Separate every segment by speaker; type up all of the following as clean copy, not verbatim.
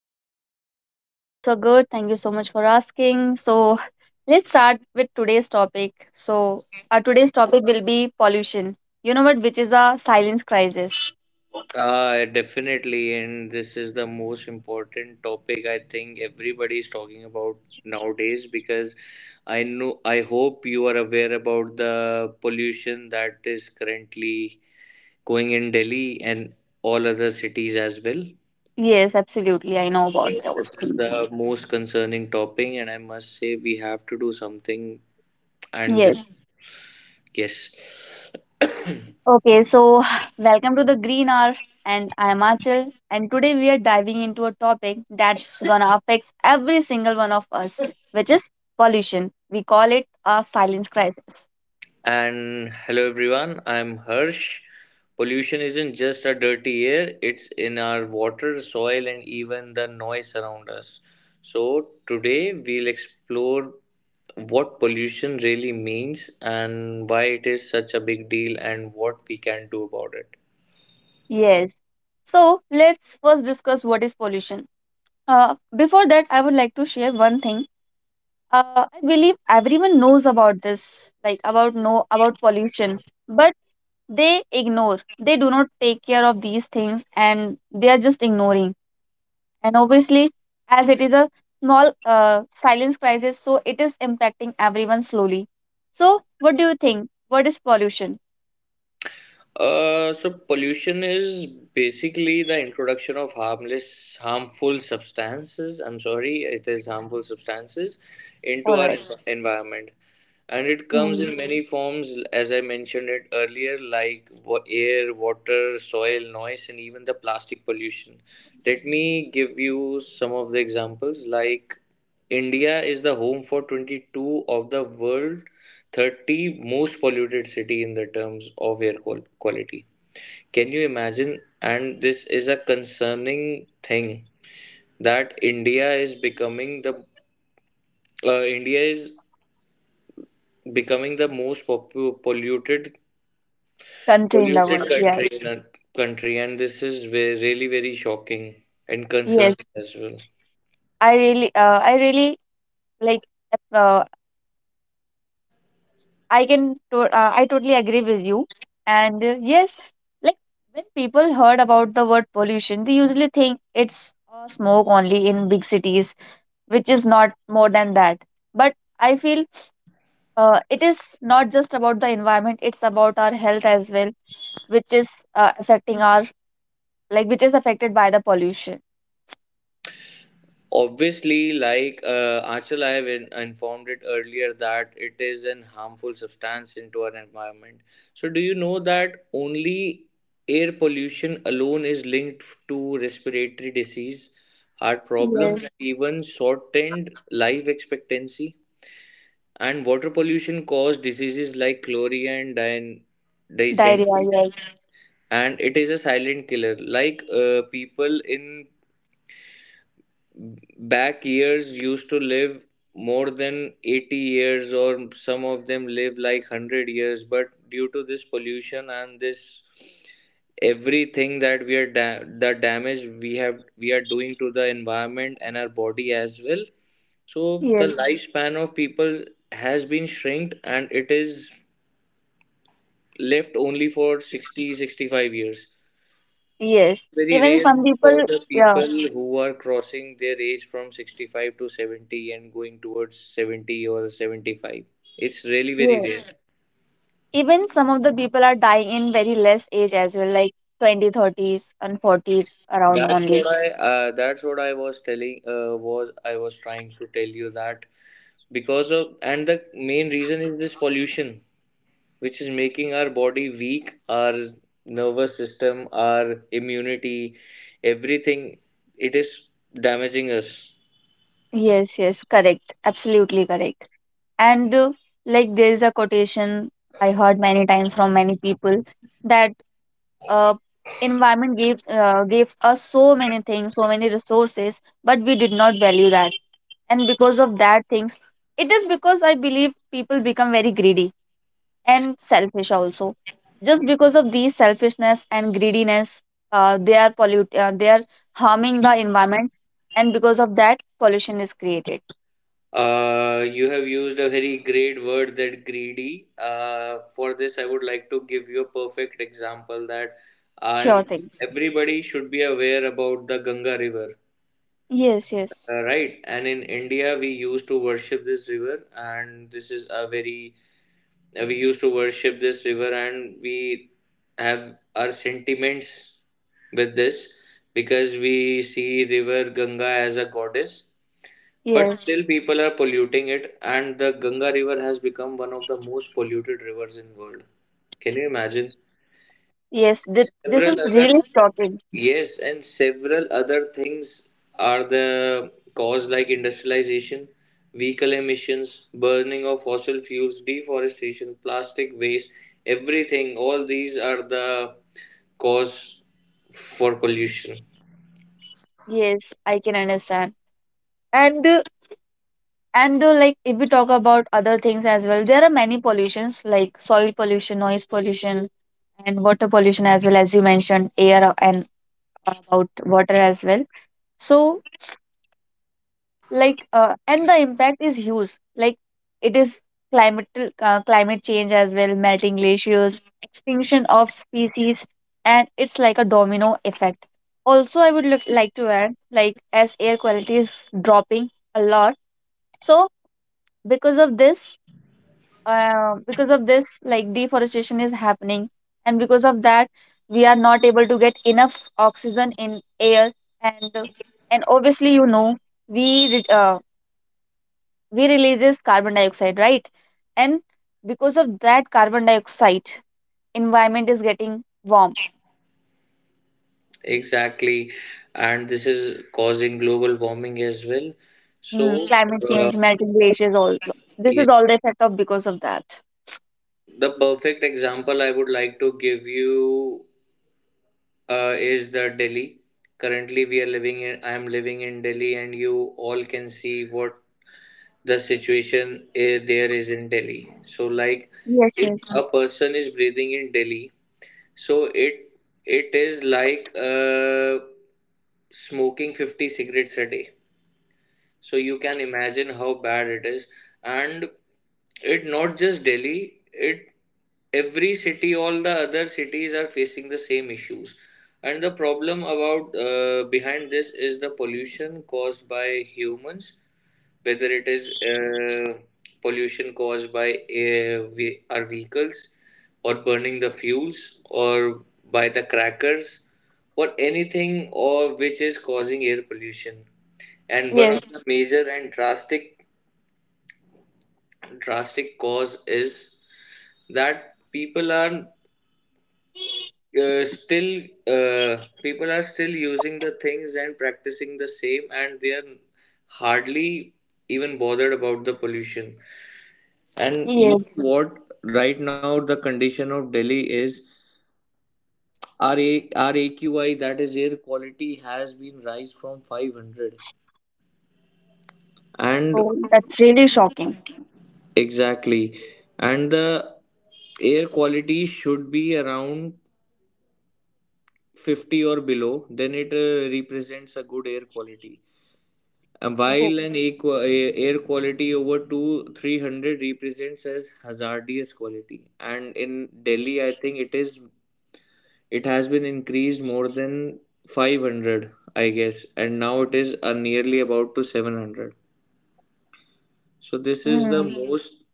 Speaker 1: you?
Speaker 2: I'm also good. Thank you so much for asking. So, let's start with today's topic. So, our today's topic will be pollution. You know what, which is a silence crisis.
Speaker 1: Definitely, and this is the most important topic I think everybody is talking about nowadays, because I know, I hope you are aware about the pollution that is currently going in Delhi and all other cities as well.
Speaker 2: Yes, absolutely. I know about
Speaker 1: This is
Speaker 2: those things.
Speaker 1: the most concerning topic, and I must say we have to do something. And this.
Speaker 2: Yes.
Speaker 1: Yes.
Speaker 2: Okay, so welcome to the Green Hour, and I'm Achal. And today we are diving into a topic that's gonna affect every single one of us, which is pollution. We call it a silence crisis.
Speaker 1: And hello everyone, I'm Harsh. Pollution isn't just a dirty air, it's in our water, soil, and even the noise around us. So, today we'll explore what pollution really means and why it is such a big deal, and what we can do about it.
Speaker 2: Yes. So let's first discuss what is pollution. Before that, I would like to share one thing. I believe everyone knows about this, like about pollution, but they ignore. They do not take care of these things, and they are just ignoring. And obviously, as it is a small silence crisis, so it is impacting everyone slowly. So, what do you think? What is pollution?
Speaker 1: So pollution is basically the introduction of harmless, harmful substances. I'm sorry, it is harmful substances into
Speaker 2: All
Speaker 1: our
Speaker 2: right.
Speaker 1: environment. And it comes in
Speaker 2: Hmm.
Speaker 1: many forms, as I mentioned it earlier, like air, water, soil, noise, and even the plastic pollution. Let me give you some of the examples. Like, India is the home for 22 of the world 30 most polluted city in the terms of air quality. Can you imagine? And this is a concerning thing, that India is becoming the, india is becoming the most polluted
Speaker 2: Country in the world. Yeah.
Speaker 1: country, and this is really very shocking and
Speaker 2: Yes.
Speaker 1: concerning as well.
Speaker 2: I really like uh, I can to- I totally agree with you, and yes, like when people heard about the word pollution, they usually think it's smoke only in big cities, which is not more than that. But I feel it is not just about the environment, it's about our health as well, which is affecting our like which is affected by the pollution.
Speaker 1: Obviously, like, Achal, I have informed it earlier that it is an harmful substance into our environment. So, do you know that only air pollution alone is linked to respiratory disease, heart problems,
Speaker 2: Yes.
Speaker 1: and even shortened life expectancy? And water pollution cause diseases like chlorine and
Speaker 2: Diarrhea.
Speaker 1: dysentery.
Speaker 2: Yes,
Speaker 1: And it is a silent killer. Like, people in back years used to live more than 80 years, or some of them live like 100 years, but due to this pollution and this, everything that we are the damage we are doing to the environment and our body as well. So the
Speaker 2: yes,
Speaker 1: lifespan of people has been shrinked, and it is left only for 60, 65 years.
Speaker 2: yes,
Speaker 1: Very
Speaker 2: Even
Speaker 1: rare.
Speaker 2: some people.
Speaker 1: For the
Speaker 2: Yeah,
Speaker 1: people who are crossing their age from 65 to 70 and going towards 70 or 75, it's really very
Speaker 2: yeah.
Speaker 1: rare.
Speaker 2: Even some of the people are dying in very less age as well, like 20, thirties, and 40 around only.
Speaker 1: That's what I was telling. Was trying to tell you that, because of, and the main reason is this pollution, which is making our body weak, our nervous system, our immunity, everything. It is damaging us.
Speaker 2: Yes, yes, correct, absolutely correct. And like, there is a quotation I heard many times from many people, that uh, environment gave gives us so many things, so many resources, but we did not value that. And because of that things, it is because I believe people become very greedy and selfish also. Just because of these selfishness and greediness, they are harming the environment, and because of that, pollution is created.
Speaker 1: You have used a very great word, that greedy. For this, I would like to give you a perfect example, that
Speaker 2: Sure
Speaker 1: I'm
Speaker 2: thing.
Speaker 1: everybody should be aware about the Ganga River,
Speaker 2: Yes, yes,
Speaker 1: right? And in India, we used to worship this river, and this is a very, we used to worship this river, and we have our sentiments with this, because we see river Ganga as a goddess. But
Speaker 2: yes,
Speaker 1: still, people are polluting it, and the Ganga River has become one of the most polluted rivers in world. Can you imagine?
Speaker 2: yes. Th- this
Speaker 1: Several
Speaker 2: is
Speaker 1: other,
Speaker 2: really shocking.
Speaker 1: yes, and several other things are the cause, like industrialization, vehicle emissions, burning of fossil fuels, deforestation, plastic waste, everything. All these are the cause for pollution.
Speaker 2: Yes, I can understand. And uh, and uh, like, if we talk about other things as well, there are many pollutions like soil pollution, noise pollution, and water pollution as well, as you mentioned air and about water as well. So, and the impact is huge. Like, it is climate climate change as well, melting glaciers, extinction of species, and it's like a domino effect. Also, I would like to add, like, as air quality is dropping a lot. So because of this, like, deforestation is happening, and because of that, we are not able to get enough oxygen in air. and and obviously, you know, we re- uh, we releases carbon dioxide, right? And because of that carbon dioxide, environment is getting warm.
Speaker 1: Exactly, and this is causing global warming as well.
Speaker 2: Hmm,
Speaker 1: So,
Speaker 2: climate
Speaker 1: uh,
Speaker 2: change, melting glaciers, all this is
Speaker 1: yes,
Speaker 2: all the effect of because of that.
Speaker 1: the perfect example I would like to give you, is the Delhi. Currently, we are living in. I am living in Delhi, and you all can see what the situation there is in Delhi. So, like,
Speaker 2: Yes, yes,
Speaker 1: a person is breathing in Delhi, so it is like smoking 50 cigarettes a day. So you can imagine how bad it is. And it not just Delhi, it every city, all the other cities are facing the same issues. And the problem about, behind this is the pollution caused by humans, whether it is pollution caused by our vehicles, or burning the fuels, or by the crackers, or anything, or which is causing air pollution. And one of
Speaker 2: yes,
Speaker 1: the major and drastic cause is that people are, still uh, people are still using the things and practicing the same, and they are hardly even bothered about the pollution. And you
Speaker 2: yes.
Speaker 1: know what, right now the condition of Delhi is our, our AQI, that is air quality, has been rise from 500 and,
Speaker 2: Oh, that's really shocking.
Speaker 1: exactly. And the air quality should be around 50 or below, then it represents a good air quality. And
Speaker 2: Oh.
Speaker 1: while an air quality over 2 300 represents as hazardous quality. And in Delhi, I think it is, it has been increased more than 500, I guess, and now it is nearly about to 700. So this is the
Speaker 2: Hmm.
Speaker 1: most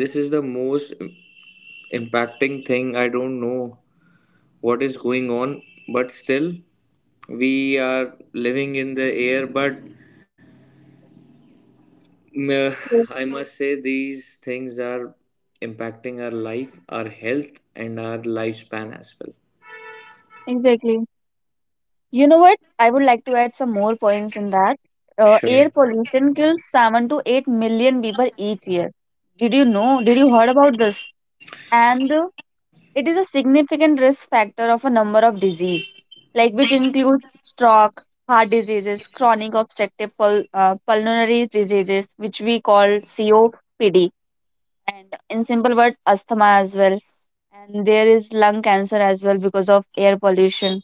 Speaker 1: this is the most impacting thing. I don't know what is going on, but still we are living in the air, but mm, I
Speaker 2: Yes,
Speaker 1: must say these things are impacting our life, our health, and our lifespan as well.
Speaker 2: exactly. You know what? I would like to add some more points in that. Air
Speaker 1: Sure.
Speaker 2: pollution kills 7 to 8 million people each year. Did you know? Did you heard about this? And it is a significant risk factor of a number of disease, like which include stroke, heart diseases, chronic obstructive pulmonary diseases, which we call COPD, and in simple word, asthma as well. And there is lung cancer as well because of air pollution.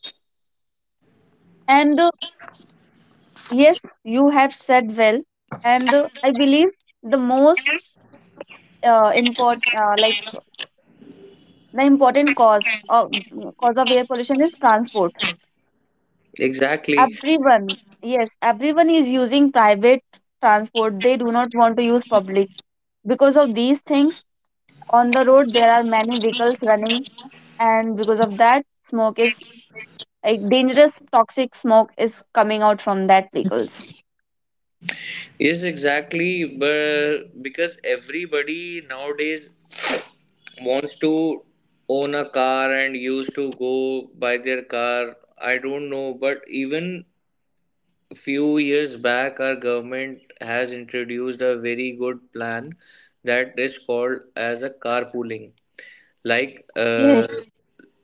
Speaker 2: And yes, you have said well. And I believe the most important, like the important cause of air pollution is transport.
Speaker 1: Exactly.
Speaker 2: Everyone, yes, everyone is using private transport. They do not want to use public. Because of these things, on the road there are many vehicles running, and because of that, smoke is like dangerous, toxic smoke is coming out from that vehicles.
Speaker 1: Yes, exactly. But because everybody nowadays wants to own a car and used to go by their car. I don't know, but even a few years back, our government has introduced a very good plan, that is called as a carpooling. Like,
Speaker 2: Yes,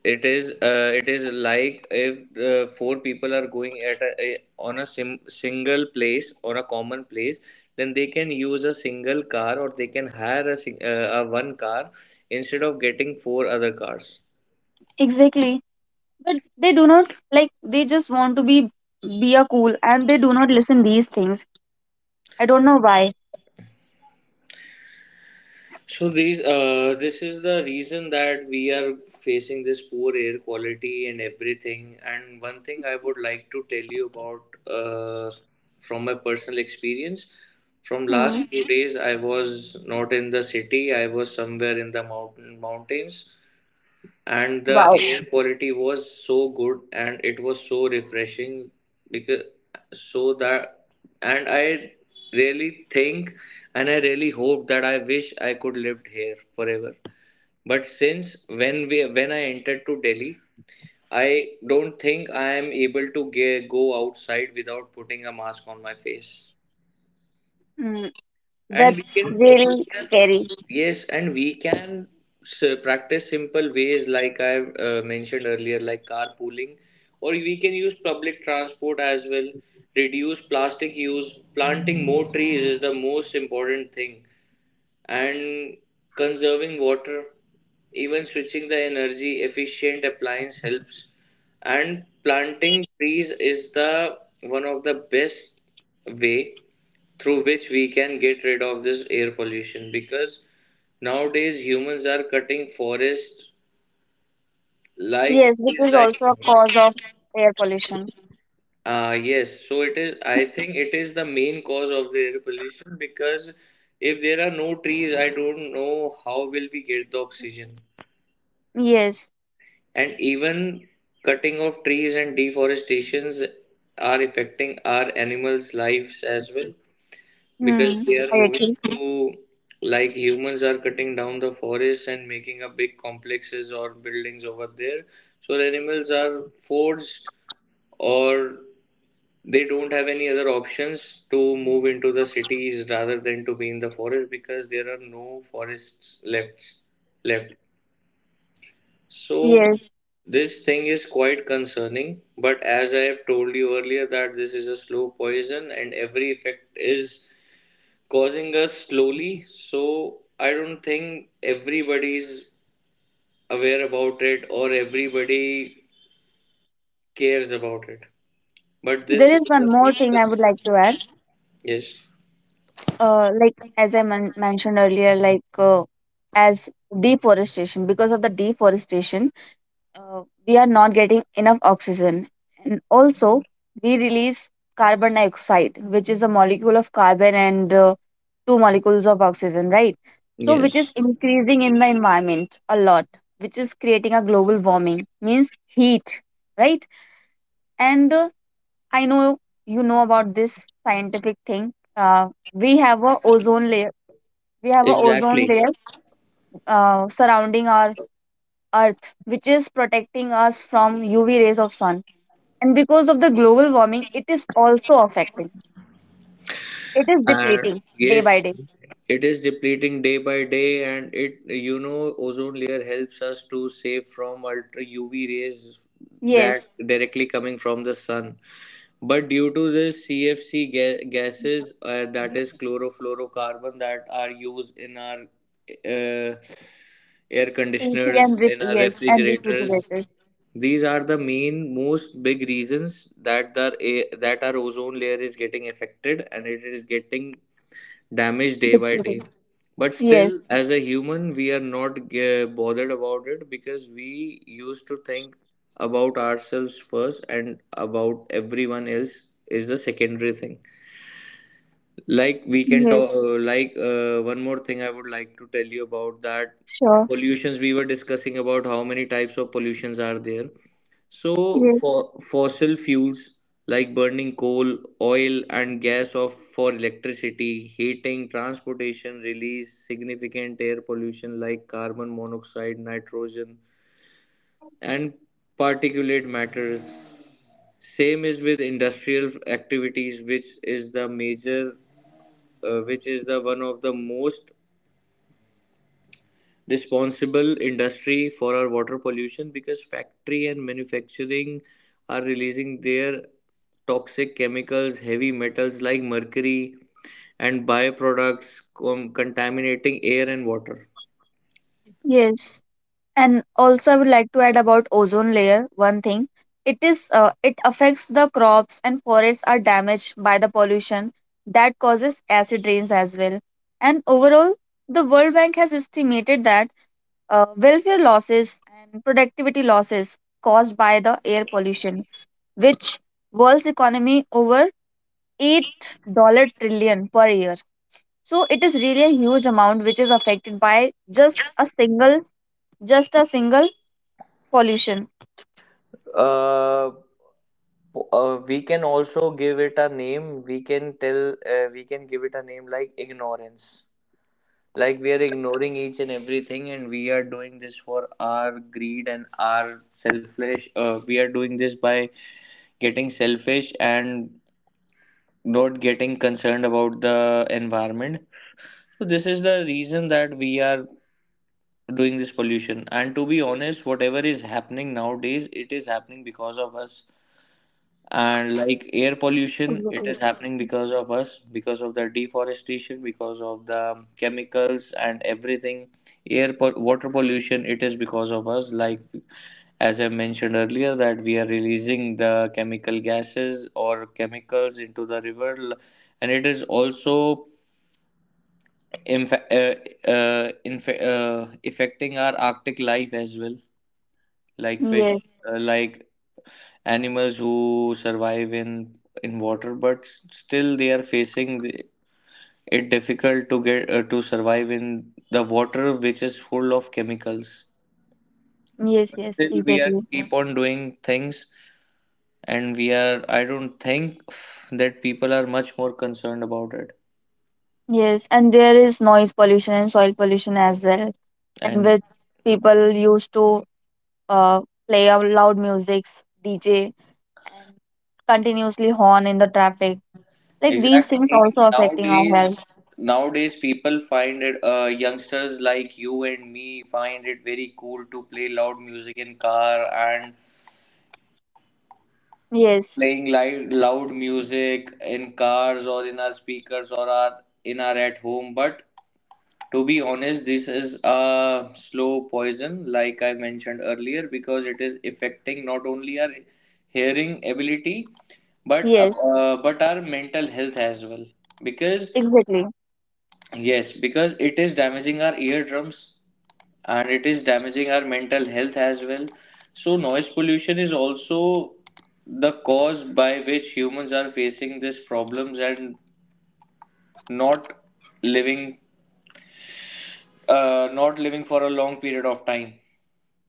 Speaker 1: it is like, if four people are going at a, on a single place, on a common place, then they can use a single car, or they can hire a, a one car instead of getting four other cars.
Speaker 2: exactly. But they do not like, they just want to be a cool, and they do not listen these things. I don't know why.
Speaker 1: So these, this is the reason that we are facing this poor air quality and everything. And one thing I would like to tell you about, uh, from my personal experience, from
Speaker 2: Hmm.
Speaker 1: last few days I was not in the city. I was somewhere in the mountains, and the
Speaker 2: Wow.
Speaker 1: air quality was so good, and it was so refreshing, because, so that, and I really think, and I really hope that I wish I could lived here forever. But since when I entered to Delhi, I don't think I am able to go outside without putting a mask on my face.
Speaker 2: Hmm.
Speaker 1: And
Speaker 2: That's
Speaker 1: we
Speaker 2: really
Speaker 1: can,
Speaker 2: scary.
Speaker 1: yes, and we can practice simple ways, like I, mentioned earlier, like carpooling, or we can use public transport as well, reduce plastic use, planting more trees is the most important thing, and conserving water, even switching the energy efficient appliance helps. And planting trees is the one of the best way through which we can get rid of this air pollution, because nowadays humans are cutting forests, like
Speaker 2: Yes,
Speaker 1: it
Speaker 2: which
Speaker 1: is
Speaker 2: is also a cause
Speaker 1: like,
Speaker 2: of air pollution.
Speaker 1: yes, so it is, I think it is the main cause of the air pollution, because if there are no trees, I don't know how will we get the oxygen.
Speaker 2: Yes.
Speaker 1: And even cutting of trees and deforestations are affecting our animals lives as well, because
Speaker 2: Hmm.
Speaker 1: they are
Speaker 2: I
Speaker 1: moving
Speaker 2: agree.
Speaker 1: to, like, humans are cutting down the forest and making up big complexes or buildings over there, so animals are forced, or they don't have any other options to move into the cities rather than to be in the forest, because there are no forests left. So
Speaker 2: Yes.
Speaker 1: this thing is quite concerning, but as I have told you earlier, that this is a slow poison, and every effect is causing us slowly. So I don't think everybody is aware about it or everybody cares about it. But this
Speaker 2: There is
Speaker 1: is
Speaker 2: one more thing I
Speaker 1: the,
Speaker 2: would like to add.
Speaker 1: yes.
Speaker 2: Like, as I mentioned earlier, like as deforestation, because of the deforestation, uh, we are not getting enough oxygen. And also, we release carbon dioxide, which is a molecule of carbon and two molecules of oxygen, right? So, which is
Speaker 1: Yes.
Speaker 2: increasing in the environment a lot, which is creating a global warming, means heat, right? And I know you know about this scientific thing. We have a ozone
Speaker 1: Exactly.
Speaker 2: layer surrounding our Earth, which is protecting us from UV rays of sun. And because of the global warming, it is also affecting. It is
Speaker 1: And
Speaker 2: depleting day by
Speaker 1: yes,
Speaker 2: day.
Speaker 1: it is depleting day by day, and it you know ozone layer helps us to save from ultra UV rays
Speaker 2: Yes.
Speaker 1: that directly coming from the sun. But due to this CFC gases, that is chlorofluorocarbon, that are used in our, uh, air
Speaker 2: AC
Speaker 1: conditioners,
Speaker 2: and
Speaker 1: in
Speaker 2: ref-
Speaker 1: our
Speaker 2: yes, and
Speaker 1: refrigerators,
Speaker 2: refrigerators.
Speaker 1: these are the main, most big reasons that that our ozone layer is getting affected, and it is getting damaged day by day.
Speaker 2: Depleting.
Speaker 1: But still,
Speaker 2: Yes,
Speaker 1: as a human, we are not bothered about it, because we used to think about ourselves first, and about everyone else is the secondary thing. Like, we can
Speaker 2: yes,
Speaker 1: talk, like, one more thing I would like to tell you about, that
Speaker 2: sure.
Speaker 1: pollutions we were discussing about, how many types of pollutions are there. So for
Speaker 2: Yes,
Speaker 1: fossil fuels, like burning coal, oil, and gas of for electricity, heating, transportation, release significant air pollution, like carbon monoxide, nitrogen, and particulate matters. Same is with industrial activities, which is the major, which is the one of the most responsible industry for our water pollution, because factory and manufacturing are releasing their toxic chemicals, heavy metals like mercury, and byproducts contaminating air and water.
Speaker 2: yes. And also, I would like to add about ozone layer. One thing, it affects the crops and forests are damaged by the pollution that causes acid rains as well. And overall, the World Bank has estimated that welfare losses and productivity losses caused by the air pollution, which world's economy over $8 trillion per year. So it is really a huge amount which is affected by just a single pollution.
Speaker 1: uh, we can also give it a name, we can tell, we can give it a name like ignorance. Like, we are ignoring each and everything, and we are doing this for our greed and our selfish. We are doing this by getting selfish and not getting concerned about the environment. So this is the reason that we are doing this pollution. And to be honest, whatever is happening nowadays, it is happening because of us. And like air pollution, it
Speaker 2: Exactly.
Speaker 1: is happening because of us, because of the deforestation, because of the chemicals and everything. Water pollution, it is because of us. Like as I mentioned earlier, that we are releasing the chemical gases or chemicals into the and it is also inf- uh, affecting our arctic life as well, like fish,
Speaker 2: Yes.
Speaker 1: like animals who survive in water, but still they are facing it difficult to get to survive in the water which is full of chemicals.
Speaker 2: Yes, yes,
Speaker 1: Still we are
Speaker 2: exactly.
Speaker 1: keep on doing things, and we are, I don't think that people are much more concerned about it.
Speaker 2: Yes, and there is noise pollution and soil pollution as well, in
Speaker 1: And
Speaker 2: which people used to uh, play a loud music, DJ, and continuously horn in the traffic. Like, these things
Speaker 1: exactly,
Speaker 2: also affecting our
Speaker 1: nowadays
Speaker 2: health.
Speaker 1: nowadays people find it youngsters like you and me find it very cool to play loud music in car and
Speaker 2: Yes,
Speaker 1: playing loud music in cars or in our speakers or our in our at home. But to be honest, this is a slow poison, like I mentioned earlier, because it is affecting not only our hearing ability,
Speaker 2: yes,
Speaker 1: but our mental health as well. Because
Speaker 2: exactly.
Speaker 1: yes, because it is damaging our eardrums, and it is damaging our mental health as well. So, noise pollution is also the cause by which humans are facing these problems and not living, not living for a long period of time.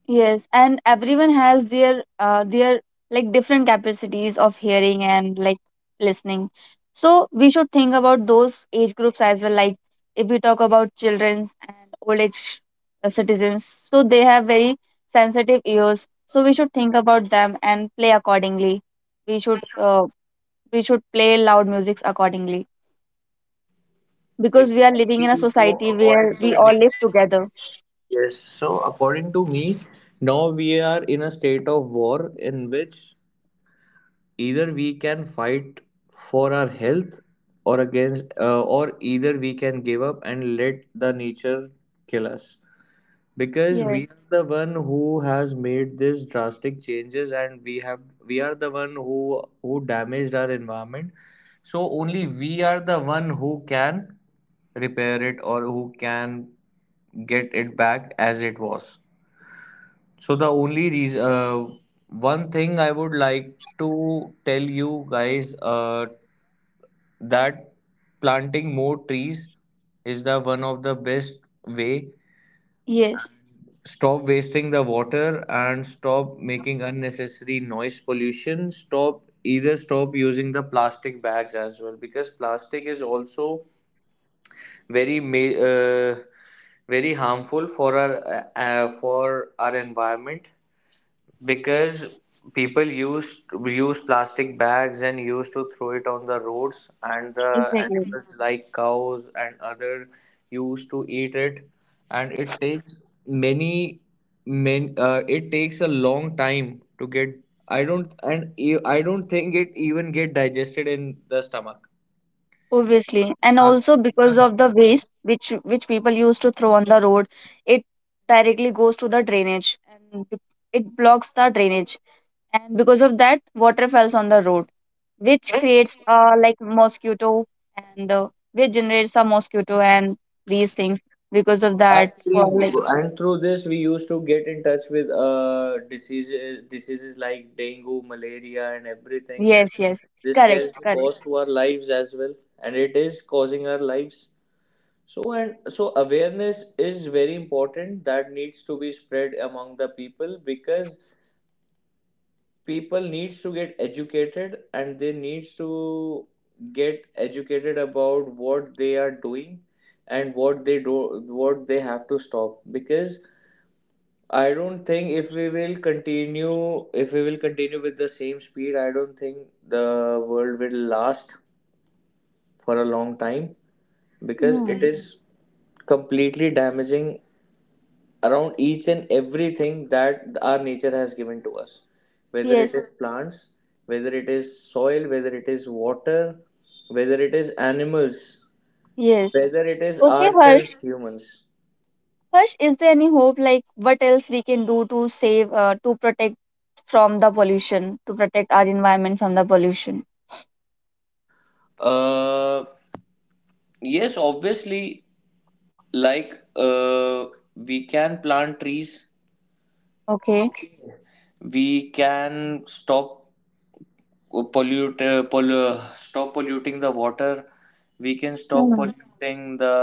Speaker 2: Yes, and everyone has their like different capacities of hearing and like listening. So we should think about those age groups as well. Like, if we talk about childrens and old age citizens, so they have very sensitive ears. So we should think about them and play accordingly. We should uh, we should play loud musics accordingly, because we are living
Speaker 1: Exactly.
Speaker 2: in a
Speaker 1: So
Speaker 2: society where
Speaker 1: according
Speaker 2: we
Speaker 1: to
Speaker 2: all
Speaker 1: me,
Speaker 2: live together.
Speaker 1: yes. So according to me, now we are in a state of war in which either we can fight for our health, or either we can give up and let the nature kill us, because we
Speaker 2: Yes,
Speaker 1: are the one who has made these drastic changes, and we have, we are the one who damaged our environment. So only we are the one who can repair it, or who can get it back as it was. So the only reason, one thing I would like to tell you guys, that planting more trees is the one of the best way.
Speaker 2: yes,
Speaker 1: Stop wasting the water and stop making unnecessary noise pollution. Stop, either stop using the plastic bags as well, because plastic is also very ma- uh, very harmful for our environment, because people used use plastic bags and used to throw it on the roads, and the
Speaker 2: exactly.
Speaker 1: animals like cows and other used to eat it, and it takes many men it takes a long time to get, I don't, and I don't think it even get digested in the stomach.
Speaker 2: Obviously, and also
Speaker 1: Plastic is
Speaker 2: because
Speaker 1: the,
Speaker 2: of the waste which people used to throw on the road, it directly goes to the drainage and it blocks the drainage. And because of that, water falls on the road, which creates like mosquito and which generates a mosquito and these things. Because of that,
Speaker 1: actually,
Speaker 2: for like,
Speaker 1: and through this, we used to get in touch with diseases, diseases like dengue, malaria, and everything. And
Speaker 2: yes, yes,
Speaker 1: this
Speaker 2: correct,
Speaker 1: can cost
Speaker 2: correct.
Speaker 1: to our lives as well, and it is causing our lives. So and so, awareness is very important. That needs to be spread among the people, because people needs to get educated, and they needs to get educated about what they are doing, and what they do, what they have to stop. Because I don't think if we will continue, if we will continue with the same speed, I don't think the world will last for a long time, because it
Speaker 2: Hmm.
Speaker 1: is completely damaging around each and everything that our nature has given to us. Whether it
Speaker 2: Yes,
Speaker 1: is plants, whether it is soil, whether it is water, whether it is animals,
Speaker 2: yes.
Speaker 1: whether it is
Speaker 2: Okay, Harsh.
Speaker 1: ourselves humans.
Speaker 2: Harsh, is there any hope, like what else we can do to save, to protect from the pollution, to protect our environment from the pollution?
Speaker 1: Uh yes, obviously, like uh, we can plant trees,
Speaker 2: Okay.
Speaker 1: we can stop stop polluting the water, we can stop
Speaker 2: Hmm.
Speaker 1: polluting the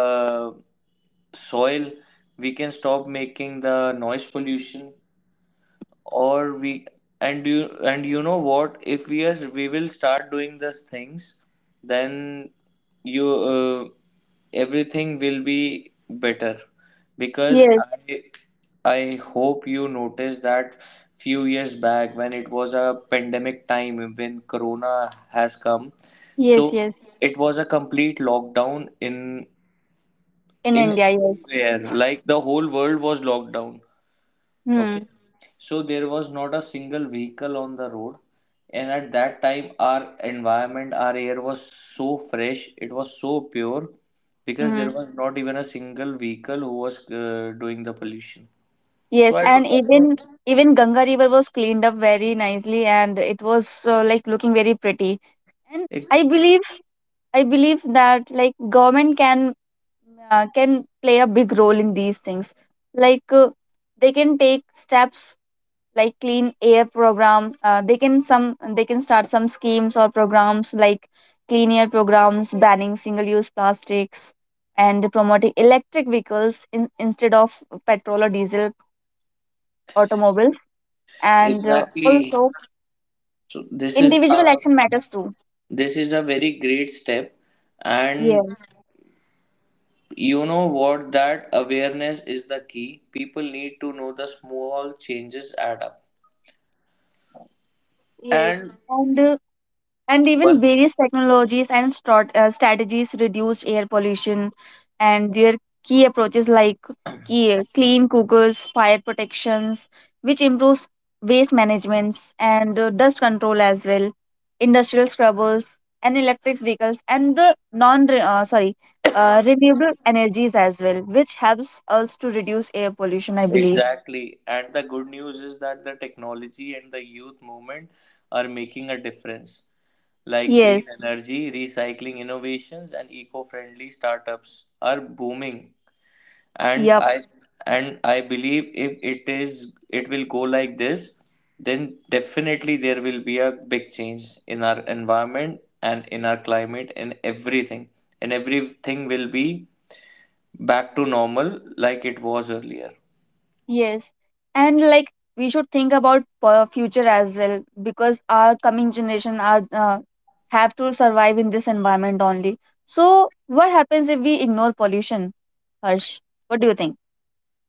Speaker 1: soil, we can stop making the noise pollution, or we, and you, and you know what, if we, as we will start doing these things, then you everything will be better, because
Speaker 2: Yes,
Speaker 1: I hope you noticed that few years back when it was a pandemic time, when corona has come,
Speaker 2: yes,
Speaker 1: so
Speaker 2: yes.
Speaker 1: it was a complete lockdown in
Speaker 2: In
Speaker 1: in
Speaker 2: India, yes.
Speaker 1: everywhere, like the whole world was locked down, okay.
Speaker 2: Hmm.
Speaker 1: So there was not a single vehicle on the road. And at that time, our environment, our air was so fresh, it was so pure, because
Speaker 2: Hmm.
Speaker 1: there was not even a single vehicle who was doing the pollution. So
Speaker 2: Yes,
Speaker 1: I
Speaker 2: and
Speaker 1: don't,
Speaker 2: even even Ganga River was cleaned up very nicely, and it was like looking very pretty. And
Speaker 1: ex-
Speaker 2: I believe, I believe that like government can play a big role in these things. Like uh, they can take steps like clean air programs, they can some they can start some schemes or programs like clean air programs, banning single use plastics, and promoting electric vehicles in, instead of petrol or diesel automobiles. And
Speaker 1: exactly.
Speaker 2: also,
Speaker 1: So this is
Speaker 2: individual
Speaker 1: a,
Speaker 2: action matters too.
Speaker 1: this is a very great step, and
Speaker 2: Yes,
Speaker 1: you know what? That awareness is the key. People need to know the small changes add up.
Speaker 2: yes.
Speaker 1: And
Speaker 2: And uh, and even
Speaker 1: one
Speaker 2: various technologies and strategies reduce air pollution, and their key approaches like clean cookers, fire protections, which improves waste management and dust control as well, industrial scrubbers, and electric vehicles, and the non re- sorry renewable energies as well, which helps us to reduce air pollution, I believe.
Speaker 1: exactly. And the good news is that the technology and the youth movement are making a difference. Like
Speaker 2: Yes.
Speaker 1: green energy, recycling innovations, and eco-friendly startups are booming. And
Speaker 2: Yep.
Speaker 1: I and I believe if it is, it will go like this, then definitely there will be a big change in our environment and in our climate and everything. And everything will be back to normal like it was earlier.
Speaker 2: Yes, and like, we should think about future as well, because our coming generation are have to survive in this environment only. So what happens if we ignore pollution, Harsh? What do you think?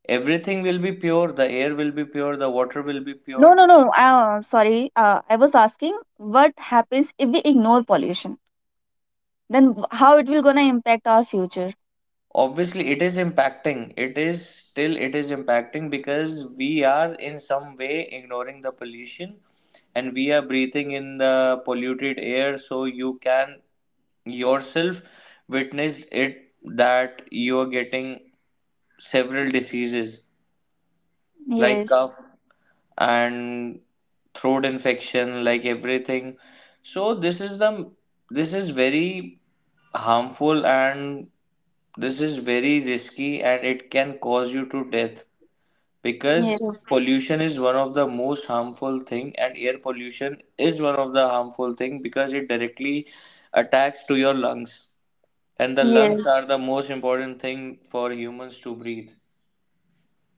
Speaker 1: Everything will be pure, the air will be pure, the water will be
Speaker 2: No,
Speaker 1: pure.
Speaker 2: no, no. I was asking, what happens if we ignore pollution? Then how it will gonna impact our future?
Speaker 1: Obviously it is impacting, it is still it is impacting, because we are in some way ignoring the pollution, and we are breathing in the polluted air. So you can yourself witness it, that you are getting several diseases like
Speaker 2: Yes,
Speaker 1: cough and throat infection, like everything. So this is the, this is very harmful, and this is very risky, and it can cause you to death, because
Speaker 2: yes,
Speaker 1: pollution is one of the most harmful thing, and air pollution is one of the harmful thing, because it directly attacks to your lungs, and the lungs
Speaker 2: yes.
Speaker 1: are the most important thing for humans to breathe.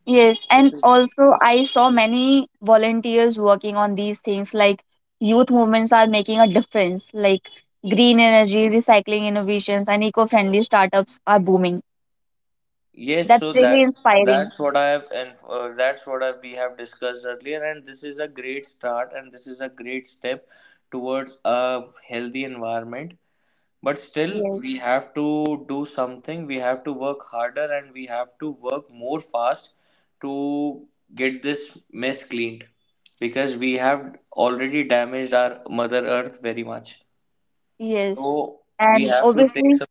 Speaker 2: Yes, and also I saw many volunteers working on these things, like youth movements are making a difference, like green energy, recycling innovations, and eco-friendly startups are booming.
Speaker 1: Yes, so
Speaker 2: That's really
Speaker 1: that,
Speaker 2: inspiring.
Speaker 1: that's what I have, and that's what I, we have discussed earlier, and this is a great start, and this is a great step towards a healthy environment. But still,
Speaker 2: Yes,
Speaker 1: we have to do something. We have to work harder, and we have to work more fast to get this mess cleaned, because we have already damaged our Mother Earth very much.
Speaker 2: yes.
Speaker 1: So we
Speaker 2: And
Speaker 1: have to take
Speaker 2: obviously,
Speaker 1: some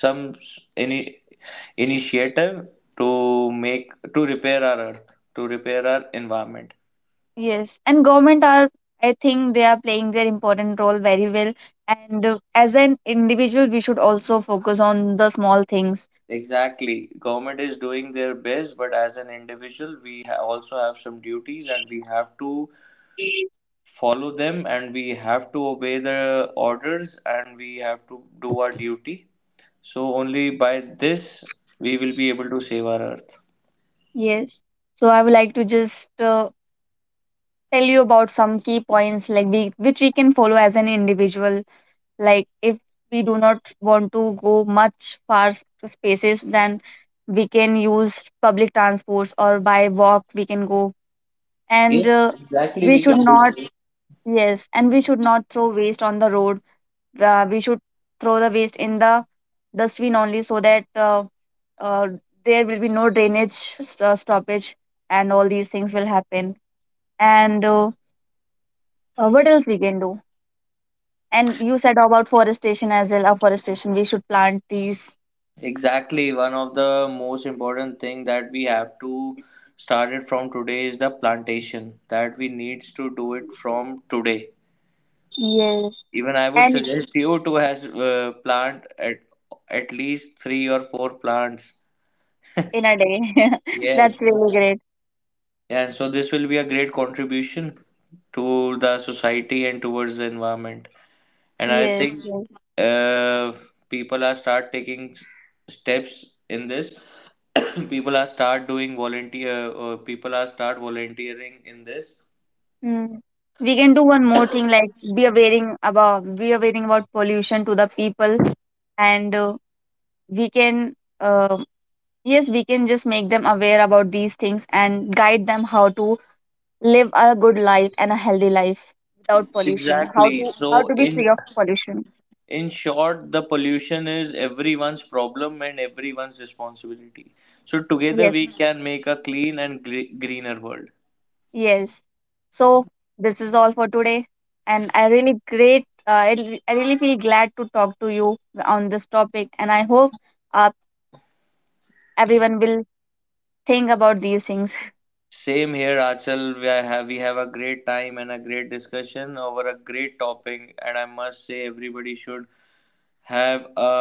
Speaker 1: any initiative to make, to repair our earth, to repair our environment.
Speaker 2: yes. And government are, I think they are playing their important role very well. And as an individual, we should also focus on the small things.
Speaker 1: Exactly, government is doing their best, but as an individual, we also have some duties, and we have to follow them, and we have to obey the orders, and we have to do our duty. So only by this we will be able to save our earth.
Speaker 2: Yes. So I would like to just tell you about some key points like we, which we can follow as an individual. Like, if we do not want to go much far to spaces, then we can use public transports or by walk we can go. And
Speaker 1: Yes, exactly,
Speaker 2: we
Speaker 1: we
Speaker 2: should
Speaker 1: can
Speaker 2: not
Speaker 1: do.
Speaker 2: Yes, and we should not throw waste on the road. We should throw the waste in the dustbin only, so that uh, there will be no drainage stoppage and all these things will happen. And what else we can do? And you said about forestation as well. Afforestation, we should plant trees.
Speaker 1: Exactly, one of the most important thing that we have to start it from today is the plantation, that we needs to do it from today.
Speaker 2: Yes.
Speaker 1: Even I would
Speaker 2: And
Speaker 1: suggest you to has plant at least three or four plants.
Speaker 2: in a day. That's
Speaker 1: Yes,
Speaker 2: really great.
Speaker 1: and so this will be a great contribution to the society and towards the environment. And I
Speaker 2: Yes,
Speaker 1: think
Speaker 2: yes.
Speaker 1: uh, people are start taking steps in this. People are start doing volunteer people are start volunteering in this
Speaker 2: Mm. We can do one more thing like be aware about pollution to the people, and we can uh, yes, we can just make them aware about these things and guide them how to live a good life and a healthy life without pollution,
Speaker 1: exactly.
Speaker 2: how
Speaker 1: So
Speaker 2: to be free
Speaker 1: in
Speaker 2: of pollution.
Speaker 1: in short, the pollution is everyone's problem and everyone's responsibility, so together
Speaker 2: Yes.
Speaker 1: we can make a clean and greener world.
Speaker 2: Yes. So this is all for today, and I really great. I re- I really feel glad to talk to you on this topic, and I hope uh, everyone will think about these things.
Speaker 1: Same here, Achal, we are have, we have a great time and a great discussion over a great topic, and I must say everybody should have a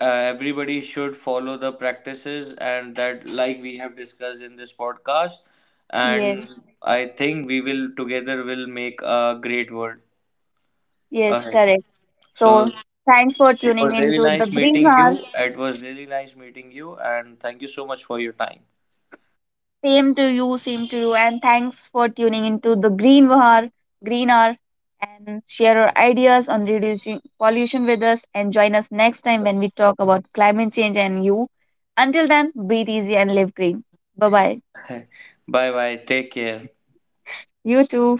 Speaker 1: everybody should follow the practices and that, like we have discussed in this podcast, and
Speaker 2: Yes.
Speaker 1: I think we will together will make a great world
Speaker 2: Yes.
Speaker 1: ahead.
Speaker 2: Correct.
Speaker 1: So
Speaker 2: So thanks for
Speaker 1: it
Speaker 2: tuning
Speaker 1: was really
Speaker 2: into the
Speaker 1: nice
Speaker 2: Green
Speaker 1: meeting you,
Speaker 2: Hour.
Speaker 1: it was really nice meeting you, and thank you so much for your time.
Speaker 2: Same to you, and thanks for tuning into Green Hour, and share your ideas on reducing pollution with us. And join us next time when we talk about climate change and you. Until then, breathe easy and live green. Bye bye.
Speaker 1: Bye bye, take care.
Speaker 2: You too.